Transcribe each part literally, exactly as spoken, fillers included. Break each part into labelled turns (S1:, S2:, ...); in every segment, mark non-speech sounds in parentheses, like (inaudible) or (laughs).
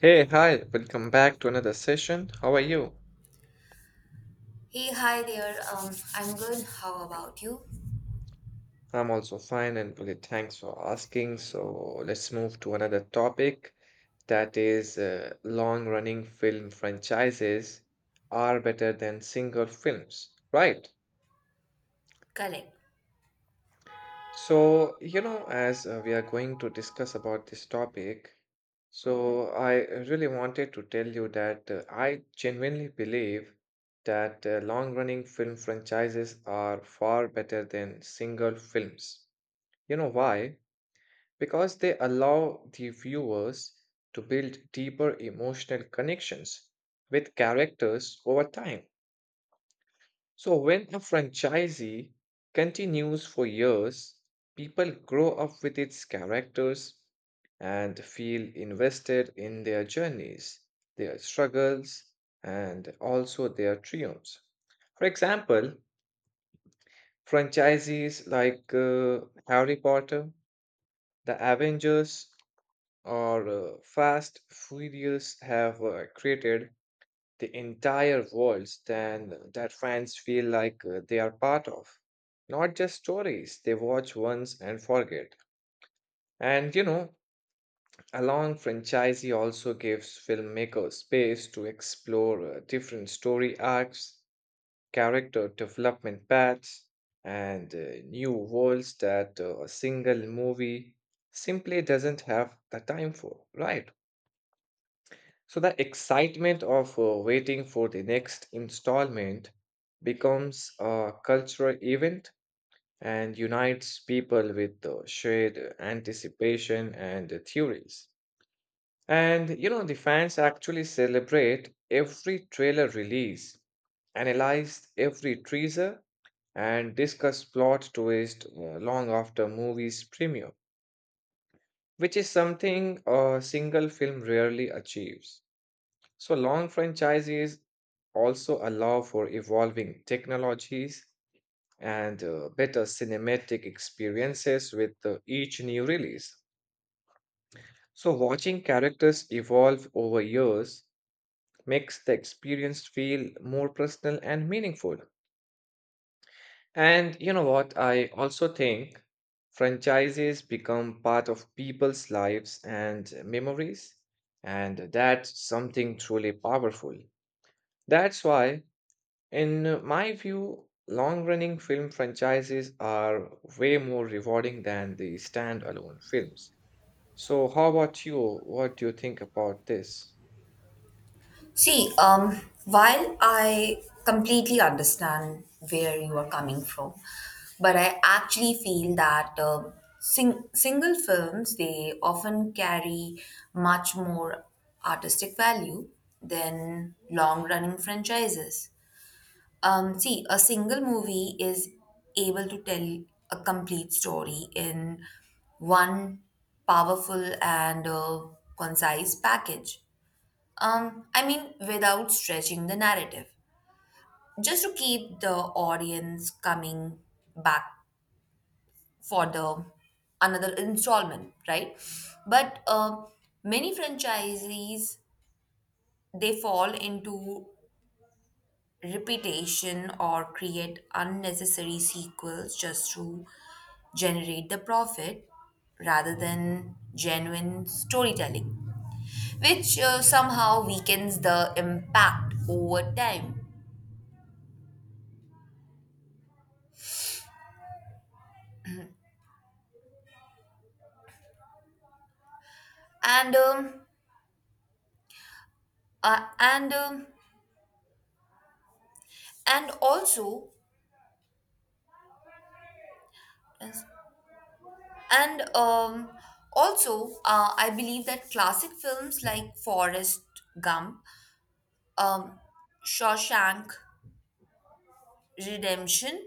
S1: Hey, hi, welcome back to another session. How are you?
S2: Hey, hi there. Um, I'm good. How about you?
S1: I'm also fine and really thanks for asking. So let's move to another topic that is uh, long running film franchises are better than single films, right?
S2: Correct.
S1: So, you know, as uh, we are going to discuss about this topic, so I really wanted to tell you that uh, I genuinely believe that uh, long-running film franchises are far better than single films. You know why? Because they allow the viewers to build deeper emotional connections with characters over time. So, when a franchisee continues for years, people grow up with its characters and feel invested in their journeys, their struggles, and also their triumphs. For example, franchisees like uh, Harry Potter, the Avengers, or uh, Fast Furious have uh, created the entire world stand that fans feel like uh, they are part of. Not just stories they watch once and forget. And you know, a long franchise also gives filmmakers space to explore uh, different story arcs, character development paths, and uh, new worlds that uh, a single movie simply doesn't have the time for, right? So the excitement of uh, waiting for the next installment becomes a cultural event and unites people with uh, shared uh, anticipation and uh, theories. And you know, the fans actually celebrate every trailer release, analyze every teaser, and discuss plot twist uh, long after movie's premiere, which is something a single film rarely achieves. So long franchises also allow for evolving technologies and uh, better cinematic experiences with uh, each new release. So watching characters evolve over years makes the experience feel more personal and meaningful. And you know what? I also think franchises become part of people's lives and memories, and that's something truly powerful. That's why, in my view, long running film franchises are way more rewarding than the standalone films. So, how about you? What do you think about this?
S2: See, um, while I completely understand where you are coming from, but I actually feel that um sing- single films they often carry much more artistic value than long-running franchises. Um, see, a single movie is able to tell a complete story in one powerful and uh, concise package. Um, I mean, without stretching the narrative, just to keep the audience coming back for the another installment, right? But uh, many franchisees they fall into repetition or create unnecessary sequels just to generate the profit rather than genuine storytelling, which uh, somehow weakens the impact over time. And um, uh, and um, and also yes, and um, also uh, I believe that classic films like Forrest Gump, um, Shawshank Redemption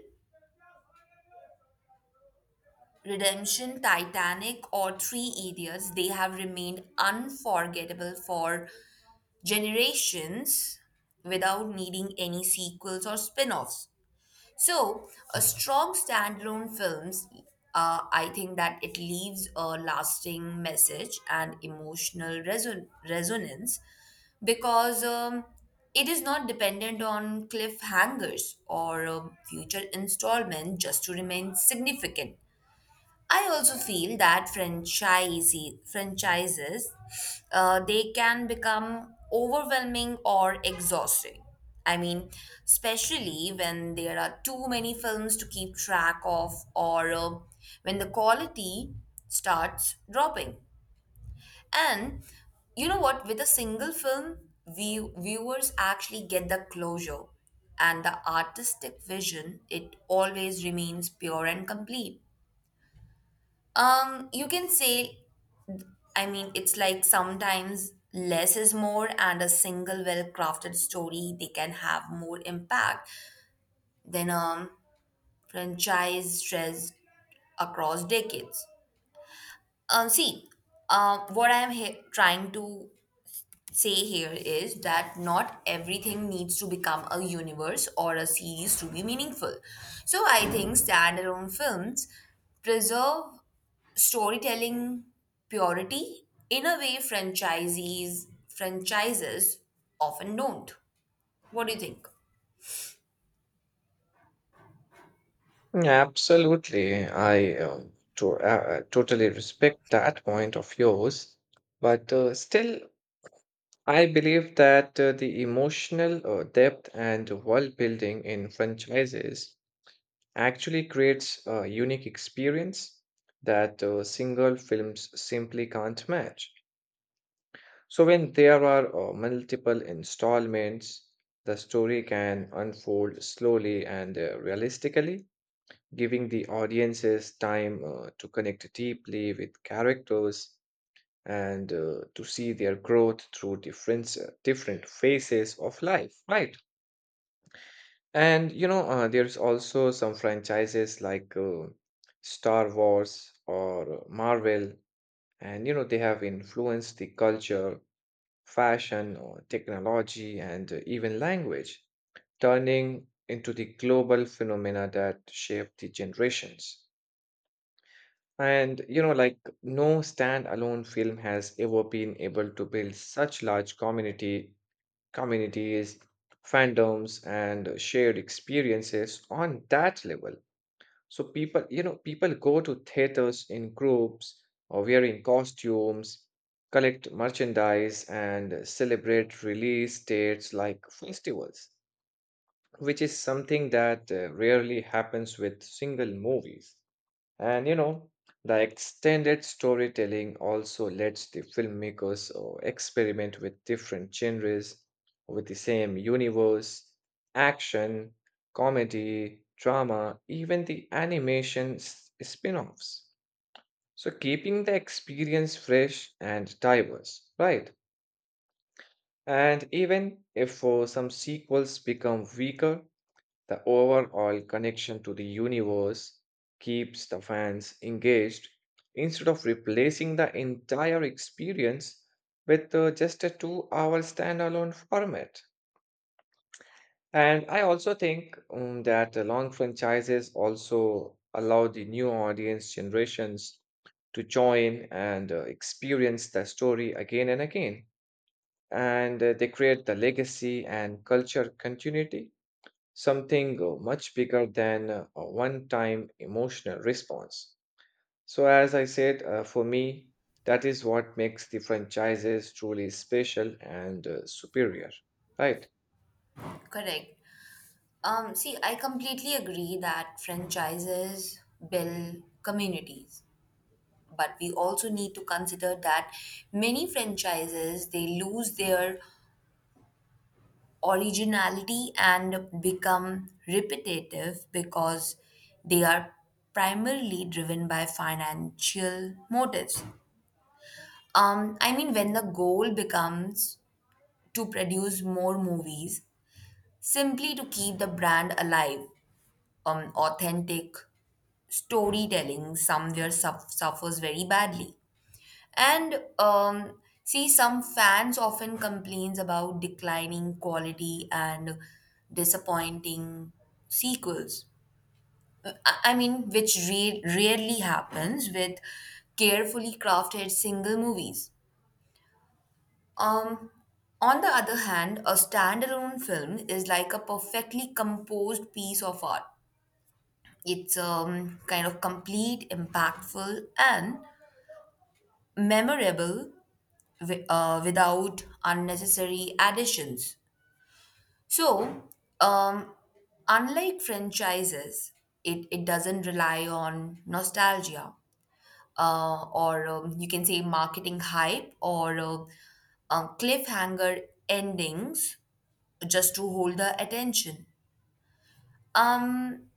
S2: Redemption, Titanic, or Three Idiots, they have remained unforgettable for generations without needing any sequels or spin offs. So, a strong standalone films, uh, I think that it leaves a lasting message and emotional reson- resonance because um, it is not dependent on cliffhangers or um, future installment just to remain significant. I also feel that franchisee franchises uh, they can become overwhelming or exhausting. I mean, especially when there are too many films to keep track of, or uh, when the quality starts dropping. And you know what? With a single film, view- viewers actually get the closure, and the artistic vision it always remains pure and complete. Um, you can say, I mean, it's like sometimes less is more, and a single well-crafted story they can have more impact than a franchise stretched across decades. Um, see, um, what I'm he- trying to say here is that not everything needs to become a universe or a series to be meaningful. So I think standalone films preserve storytelling purity in a way franchisees franchises often don't. What do you think?
S1: Mm, Absolutely. I um, to, uh, uh, totally respect that point of yours. But uh, still, I believe that uh, the emotional uh, depth and world building in franchises actually creates a unique experience that uh, single films simply can't match. So, when there are uh, multiple installments, the story can unfold slowly and uh, realistically, giving the audiences time uh, to connect deeply with characters and uh, to see their growth through different, different phases of life, right? And you know, uh, there's also some franchises like uh, Star Wars or Marvel, and you know, they have influenced the culture, fashion, or technology, and uh, even language, turning into the global phenomena that shape the generations. And you know, like no standalone film has ever been able to build such large community communities, fandoms, and shared experiences on that level. So people, you know, people go to theaters in groups or wearing costumes, collect merchandise, and celebrate release dates like festivals, which is something that uh, rarely happens with single movies. And you know, the extended storytelling also lets the filmmakers uh, experiment with different genres with the same universe, action, comedy, drama, even the animation s- spin-offs. So keeping the experience fresh and diverse, right? And even if uh, some sequels become weaker, the overall connection to the universe keeps the fans engaged instead of replacing the entire experience with uh, just a two hour standalone format. And I also think um, that the long franchises also allow the new audience generations to join and uh, experience the story again and again. And uh, they create the legacy and culture continuity, something uh, much bigger than uh, a one time emotional response. So, as I said, uh, for me, that is what makes the franchises truly special and uh, superior, right?
S2: Correct. Um, see, I completely agree that franchises build communities, but we also need to consider that many franchises they lose their originality and become repetitive because they are primarily driven by financial motives. Um, I mean, when the goal becomes to produce more movies simply to keep the brand alive, um, authentic storytelling somewhere suff suffers very badly. And um, see, some fans often complains about declining quality and disappointing sequels. I I mean, which re- rarely happens with carefully crafted single movies. Um, on the other hand, a standalone film is like a perfectly composed piece of art. It's um, kind of complete, impactful, and memorable wi- uh, without unnecessary additions. So, um, unlike franchises, it, it doesn't rely on nostalgia uh, or um, you can say marketing hype or uh, uh, cliffhanger endings just to hold the attention. Um,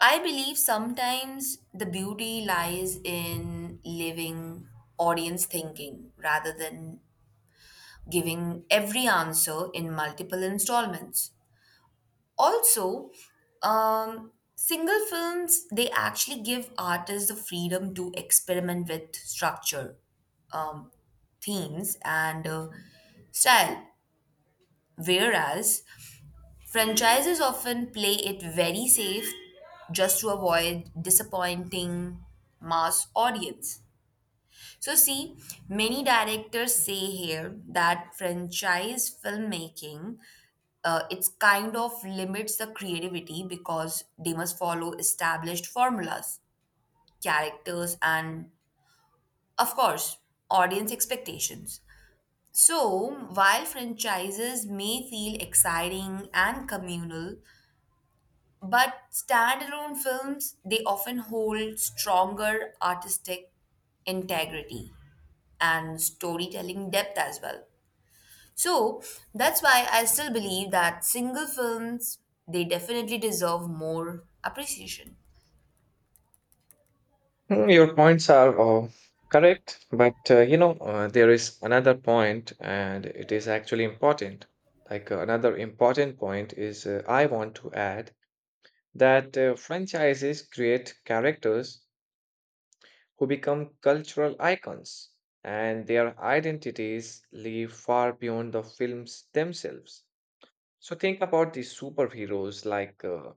S2: I believe sometimes the beauty lies in living audience thinking rather than giving every answer in multiple installments. Also, um, single films they actually give artists the freedom to experiment with structure, um, themes, and uh, style. Whereas franchises often play it very safe just to avoid disappointing mass audience. So see, many directors say here that franchise filmmaking uh, it's kind of limits the creativity because they must follow established formulas, characters and of course, audience expectations. So, while franchises may feel exciting and communal, but standalone films, they often hold stronger artistic integrity and storytelling depth as well. So that's why I still believe that single films, they definitely deserve more appreciation.
S1: Mm, Your points are uh, correct, but uh, you know, uh, there is another point, and it is actually important. Like uh, another important point is, uh, I want to add that uh, franchises create characters who become cultural icons, and their identities live far beyond the films themselves. So, think about the superheroes like uh,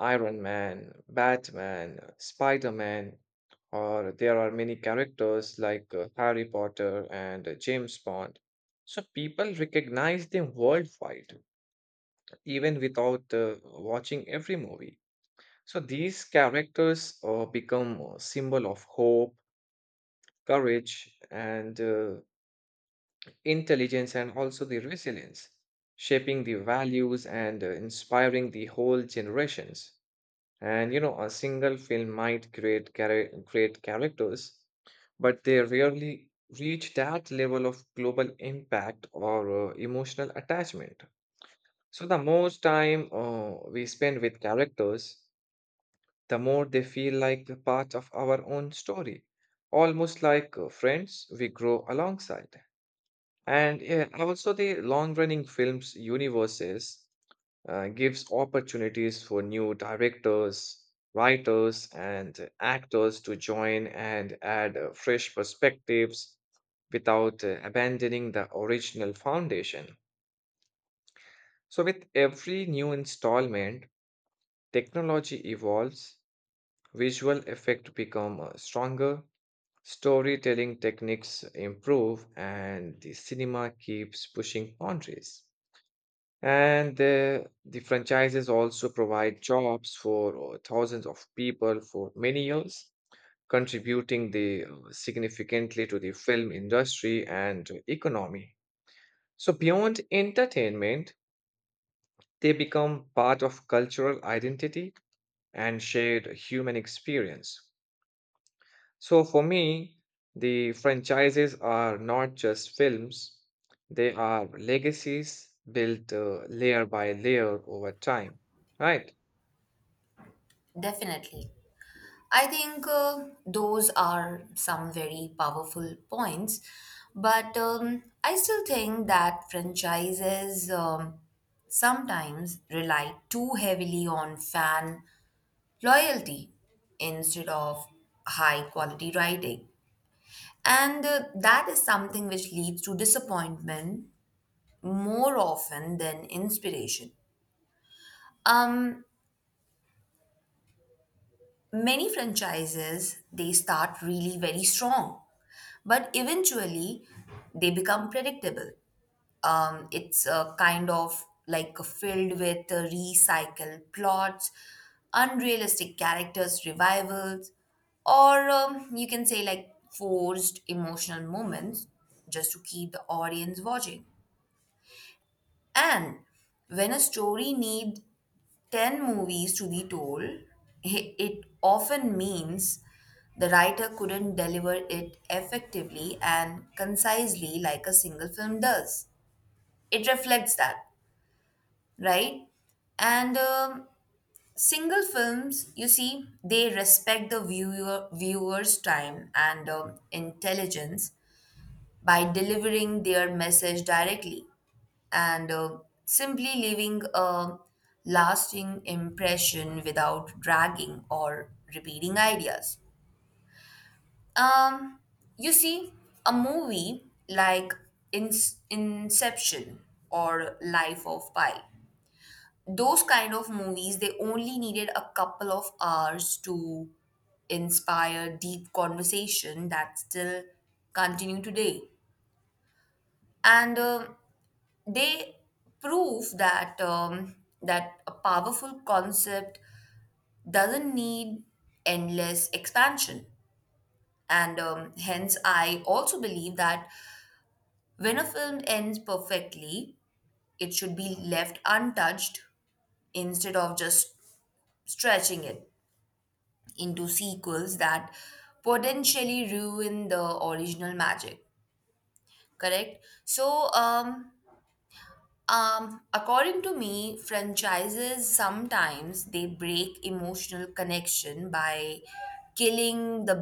S1: Iron Man, Batman, Spider Man, or there are many characters like uh, Harry Potter and uh, James Bond. So, people recognize them worldwide, even without uh, watching every movie. So, these characters uh, become a symbol of hope, courage, and uh, intelligence, and also the resilience, shaping the values and uh, inspiring the whole generations. And you know, a single film might create chara- great characters, but they rarely reach that level of global impact or uh, emotional attachment. So the more time uh, we spend with characters, the more they feel like a part of our own story, almost like uh, friends we grow alongside. And yeah, also the long-running films universes uh, gives opportunities for new directors, writers, and actors to join and add uh, fresh perspectives without uh, abandoning the original foundation. So with every new installment, technology evolves, visual effects become uh, stronger, storytelling techniques improve, and the cinema keeps pushing boundaries. And the the franchises also provide jobs for uh, thousands of people for many years, contributing the, uh, significantly to the film industry and economy. So, beyond entertainment, they become part of cultural identity and shared human experience. So, for me, the franchises are not just films, they are legacies built uh, layer by layer over time, right?
S2: Definitely. I think uh, those are some very powerful points, but um, I still think that franchises um, sometimes rely too heavily on fan loyalty instead of high quality writing. And uh, that is something which leads to disappointment more often than inspiration. Um, Many franchises they start really very strong, but eventually they become predictable. Um, it's a kind of like filled with uh, recycled plots, unrealistic characters, revivals, or um, you can say like forced emotional moments just to keep the audience watching. And when a story needs ten movies to be told, (laughs) it it often means the writer couldn't deliver it effectively and concisely like a single film does. It reflects that, right? And um, single films, you see, they respect the viewer viewer's time and um, intelligence by delivering their message directly and uh, simply leaving a lasting impression without dragging or repeating ideas. Um, you see, a movie like In- Inception or Life of Pi, those kind of movies they only needed a couple of hours to inspire deep conversation that still continue today, and um they prove that um, that a powerful concept doesn't need endless expansion. And um, hence I also believe that when a film ends perfectly it should be left untouched instead of just stretching it into sequels that potentially ruin the original magic, correct? So um um according to me, franchises sometimes they break emotional connection by killing the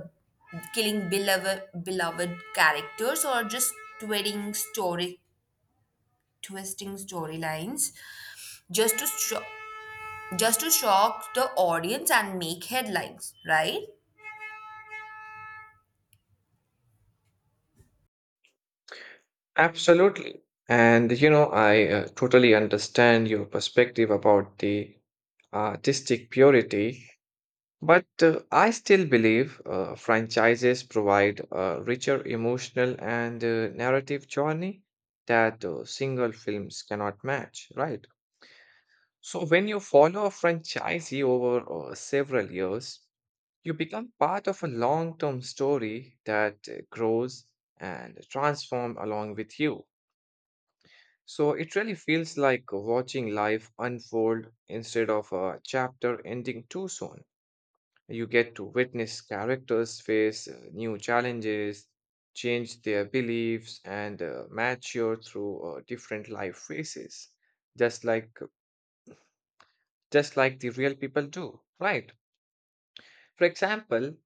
S2: killing beloved beloved characters or just twisting story twisting storylines just to sho- just to shock the audience and make headlines, right?
S1: Absolutely. And you know, I uh, totally understand your perspective about the artistic purity, but uh, I still believe uh, franchises provide a richer emotional and uh, narrative journey that uh, single films cannot match, right? So when you follow a franchisee over uh, several years, you become part of a long-term story that uh, grows and transforms along with you. So it really feels like watching life unfold instead of a chapter ending too soon. You get to witness characters face uh, new challenges, change their beliefs, and uh, mature through uh, different life phases, just like just like the real people do, right? For example,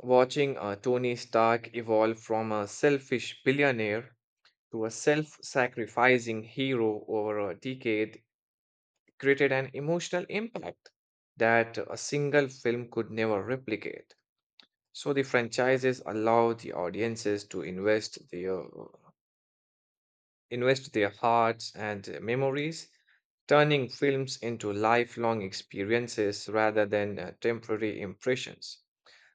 S1: watching uh, Tony Stark evolve from a selfish billionaire to a self-sacrificing hero over a decade created an emotional impact that a single film could never replicate. So the franchises allow the audiences to invest their invest their hearts and memories, turning films into lifelong experiences rather than uh, temporary impressions.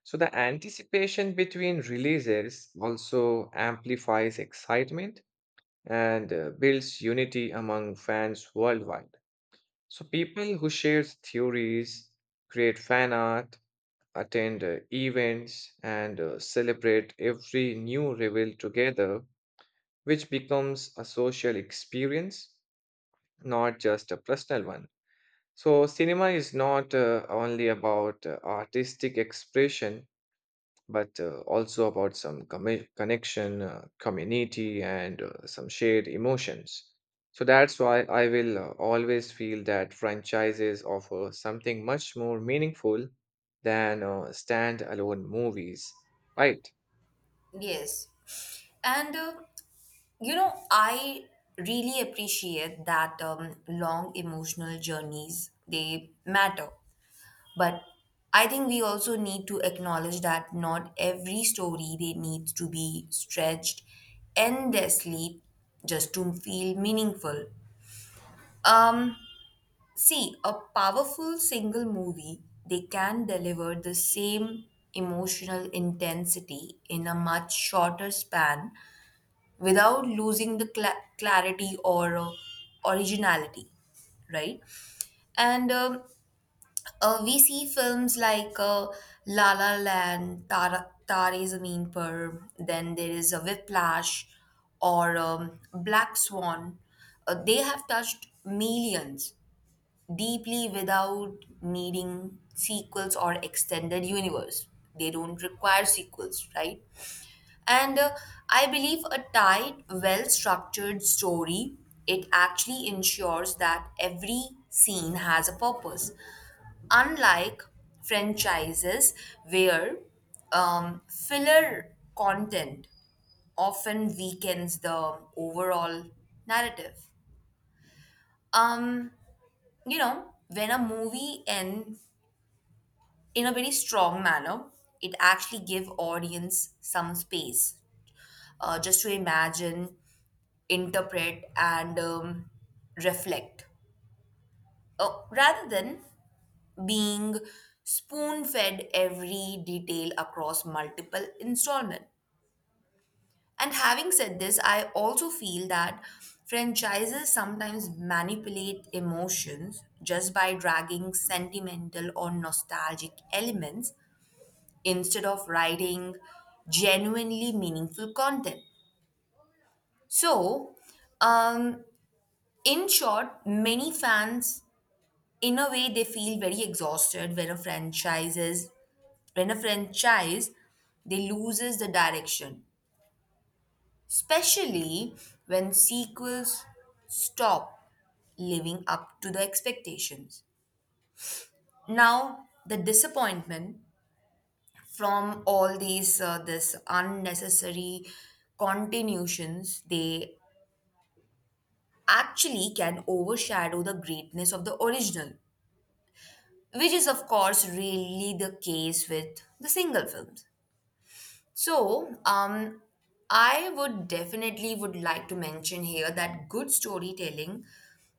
S1: So the anticipation between releases also amplifies excitement and uh, builds unity among fans worldwide. So people who share theories, create fan art, attend uh, events, and uh, celebrate every new reveal together, which becomes a social experience, not just a personal one. So cinema is not uh, only about uh, artistic expression, but uh, also about some commi- connection, uh, community, and uh, some shared emotions. So that's why I will uh, always feel that franchises offer something much more meaningful than uh, standalone movies, right?
S2: Yes. And uh, you know, I really appreciate that um, long emotional journeys, they matter. But I think we also need to acknowledge that not every story they needs to be stretched endlessly just to feel meaningful. Um, See, a powerful single movie, they can deliver the same emotional intensity in a much shorter span without losing the cla clarity or uh, originality, right? And um, uh, we see films like uh, La La Land, Tara, Tare Zameen Par, then there is a Whiplash or um, Black Swan. Uh, they have touched millions deeply without needing sequels or extended universe. They don't require sequels, right? And uh, I believe a tight, well structured story, it actually ensures that every scene has a purpose. Unlike franchises where um, filler content often weakens the overall narrative. Um, you know, when a movie ends in a very strong manner, it actually give audience some space uh, just to imagine, interpret and um, reflect uh, rather than being spoon fed every detail across multiple installments. And having said this, I also feel that franchises sometimes manipulate emotions just by dragging sentimental or nostalgic elements instead of writing genuinely meaningful content. So, um, in short, many fans in a way they feel very exhausted when a franchises when a franchise they loses the direction, especially when sequels stop living up to the expectations. Now the disappointment from all these uh, this unnecessary continuations they actually can overshadow the greatness of the original, which is of course really the case with the single films. So, um, I would definitely would like to mention here that good storytelling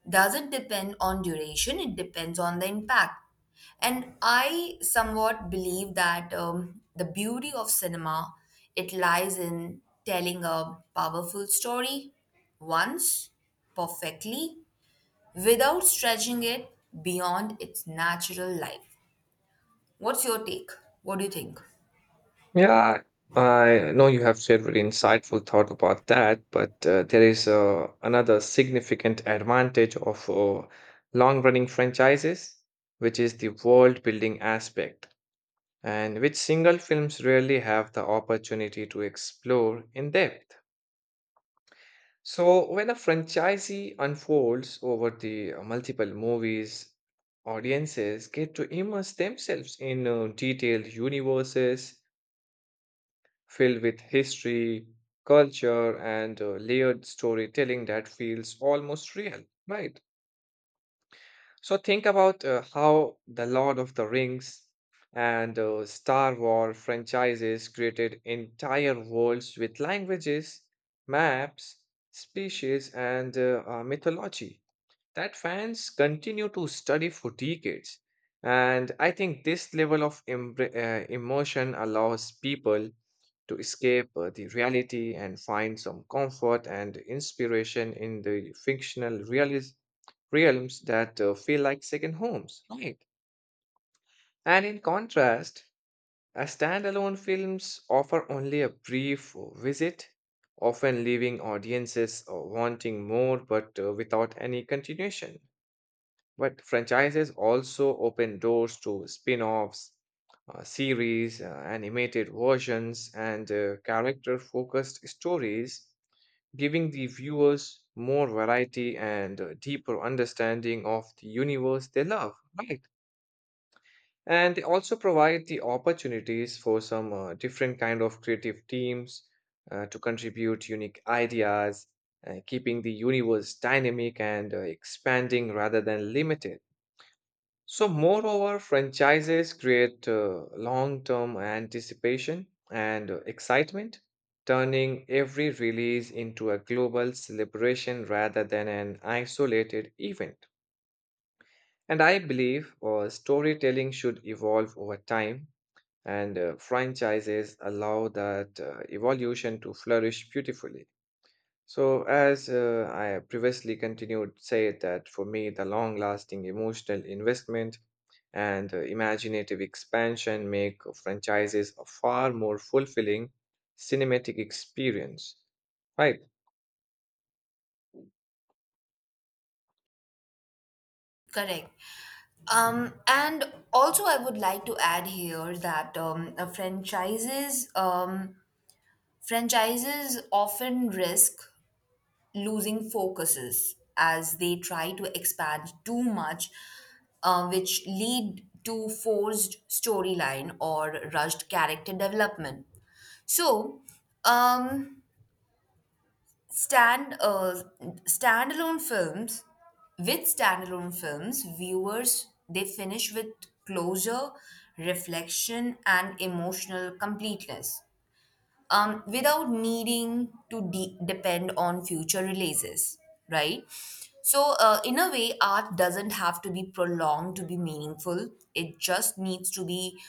S2: doesn't depend on duration, it depends on the impact. And I somewhat believe that um, the beauty of cinema, it lies in telling a powerful story once, perfectly, without stretching it beyond its natural life. What's your take? What do you think?
S1: Yeah, I know you have shared very insightful thought about that, but uh, there is uh, another significant advantage of uh, long-running franchises, which is the world-building aspect and which single films rarely have the opportunity to explore in depth. So, when a franchisee unfolds over the uh, multiple movies, audiences get to immerse themselves in uh, detailed universes filled with history, culture, and uh, layered storytelling that feels almost real, right? So think about uh, how the Lord of the Rings and uh, Star Wars franchises created entire worlds with languages, maps, species, and uh, uh, mythology that fans continue to study for decades. And I think this level of imbr- uh, immersion allows people to escape uh, the reality and find some comfort and inspiration in the fictional realis- realms that uh, feel like second homes, right? And in contrast, uh, standalone films offer only a brief visit, often leaving audiences uh, wanting more but uh, without any continuation. But franchises also open doors to spin offs, uh, series, uh, animated versions, and uh, character focused stories, giving the viewers more variety and uh, deeper understanding of the universe they love, right? And they also provide the opportunities for some uh, different kind of creative teams uh, to contribute unique ideas, uh, keeping the universe dynamic and uh, expanding rather than limited. So, moreover, franchises create uh, long term anticipation and uh, excitement, turning every release into a global celebration rather than an isolated event. And I believe uh, storytelling should evolve over time, and uh, franchises allow that uh, evolution to flourish beautifully. So, as uh, I previously continued, say that for me, the long-lasting emotional investment and uh, imaginative expansion make franchises a far more fulfilling cinematic experience, right?
S2: Correct. Um, and also, I would like to add here that um, uh, franchises um, franchises often risk losing focuses as they try to expand too much, uh, which lead to forced storyline or rushed character development. So, um, stand uh, standalone films, with standalone films viewers they finish with closure, reflection and emotional completeness, um, without needing to de- depend on future releases, right? So, uh, in a way, art doesn't have to be prolonged to be meaningful. It just needs to be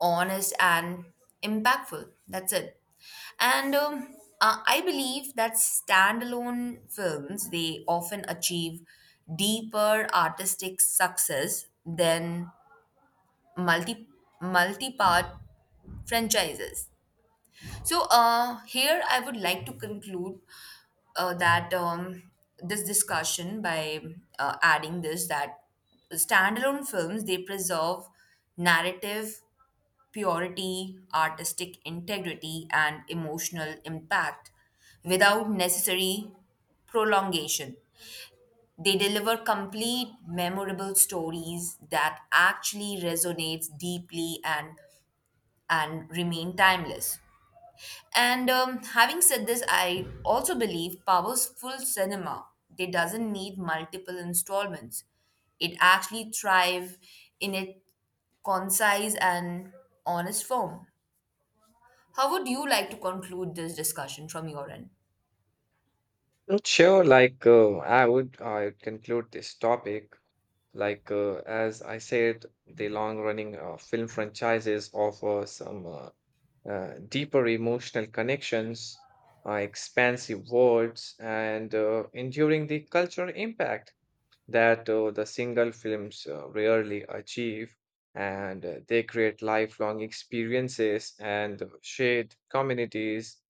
S2: honest and impactful. That's it. And um, uh, I believe that standalone films they often achieve deeper artistic success than multi multi part franchises. So uh, here I would like to conclude uh, that um, this discussion by uh, adding this that standalone films they preserve narrative purity, artistic integrity, and emotional impact without necessary prolongation. They deliver complete, memorable stories that actually resonates deeply and and remain timeless. And um, having said this, I also believe powerful cinema they doesn't need multiple installments. It actually thrive in its concise and honest form. How would you like to conclude this discussion from your end?
S1: Mm, Sure, like uh, I would I would conclude this topic. Like uh, as I said, the long-running uh, film franchises offer some uh, uh, deeper emotional connections, uh, expansive worlds, and uh, enduring the cultural impact that uh, the single films uh, rarely achieve. And uh, they create lifelong experiences and uh, shared communities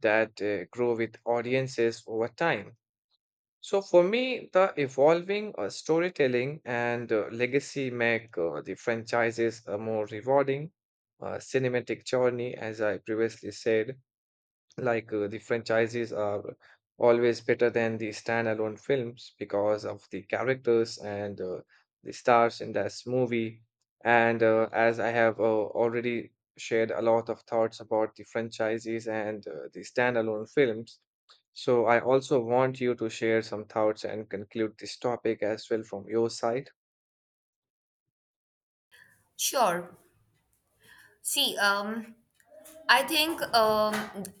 S1: that uh, grow with audiences over time. So for me, the evolving uh, storytelling and uh, legacy make uh, the franchises a more rewarding, uh, cinematic journey, as I previously said. Like uh, the franchises are always better than the standalone films because of the characters and uh, the stars in this movie. And uh, as I have uh, already shared a lot of thoughts about the franchises and uh, the standalone films, so I also want you to share some thoughts and conclude this topic as well from your side.
S2: Sure. See, um, I think um,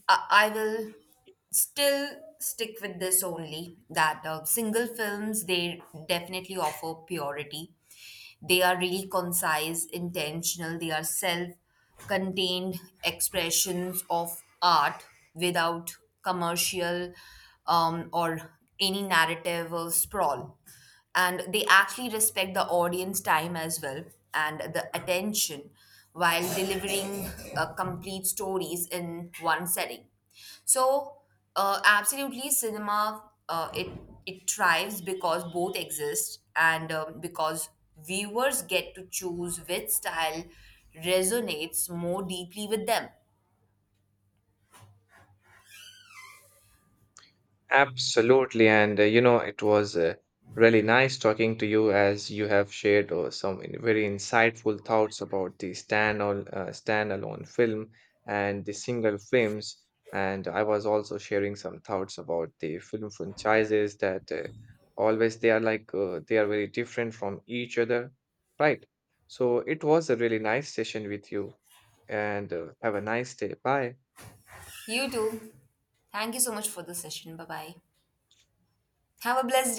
S2: I I will still stick with this only that uh, single films they definitely offer purity. They are really concise, intentional. They are self-contained expressions of art without commercial, um, or any narrative or sprawl, and they actually respect the audience time as well and the attention while delivering uh, complete stories in one setting. So uh, absolutely, cinema uh, it it thrives because both exist, and um, because viewers get to choose which style resonates more deeply with them.
S1: Absolutely. And uh, you know, it was uh, really nice talking to you as you have shared uh, some in- very insightful thoughts about the stand al- uh, standalone film and the single films. And I was also sharing some thoughts about the film franchises that uh, always they are like uh, they are very different from each other, right? So it was a really nice session with you, and uh, have a nice day. Bye.
S2: You too, thank you so much for the session. Bye bye. Have a blessed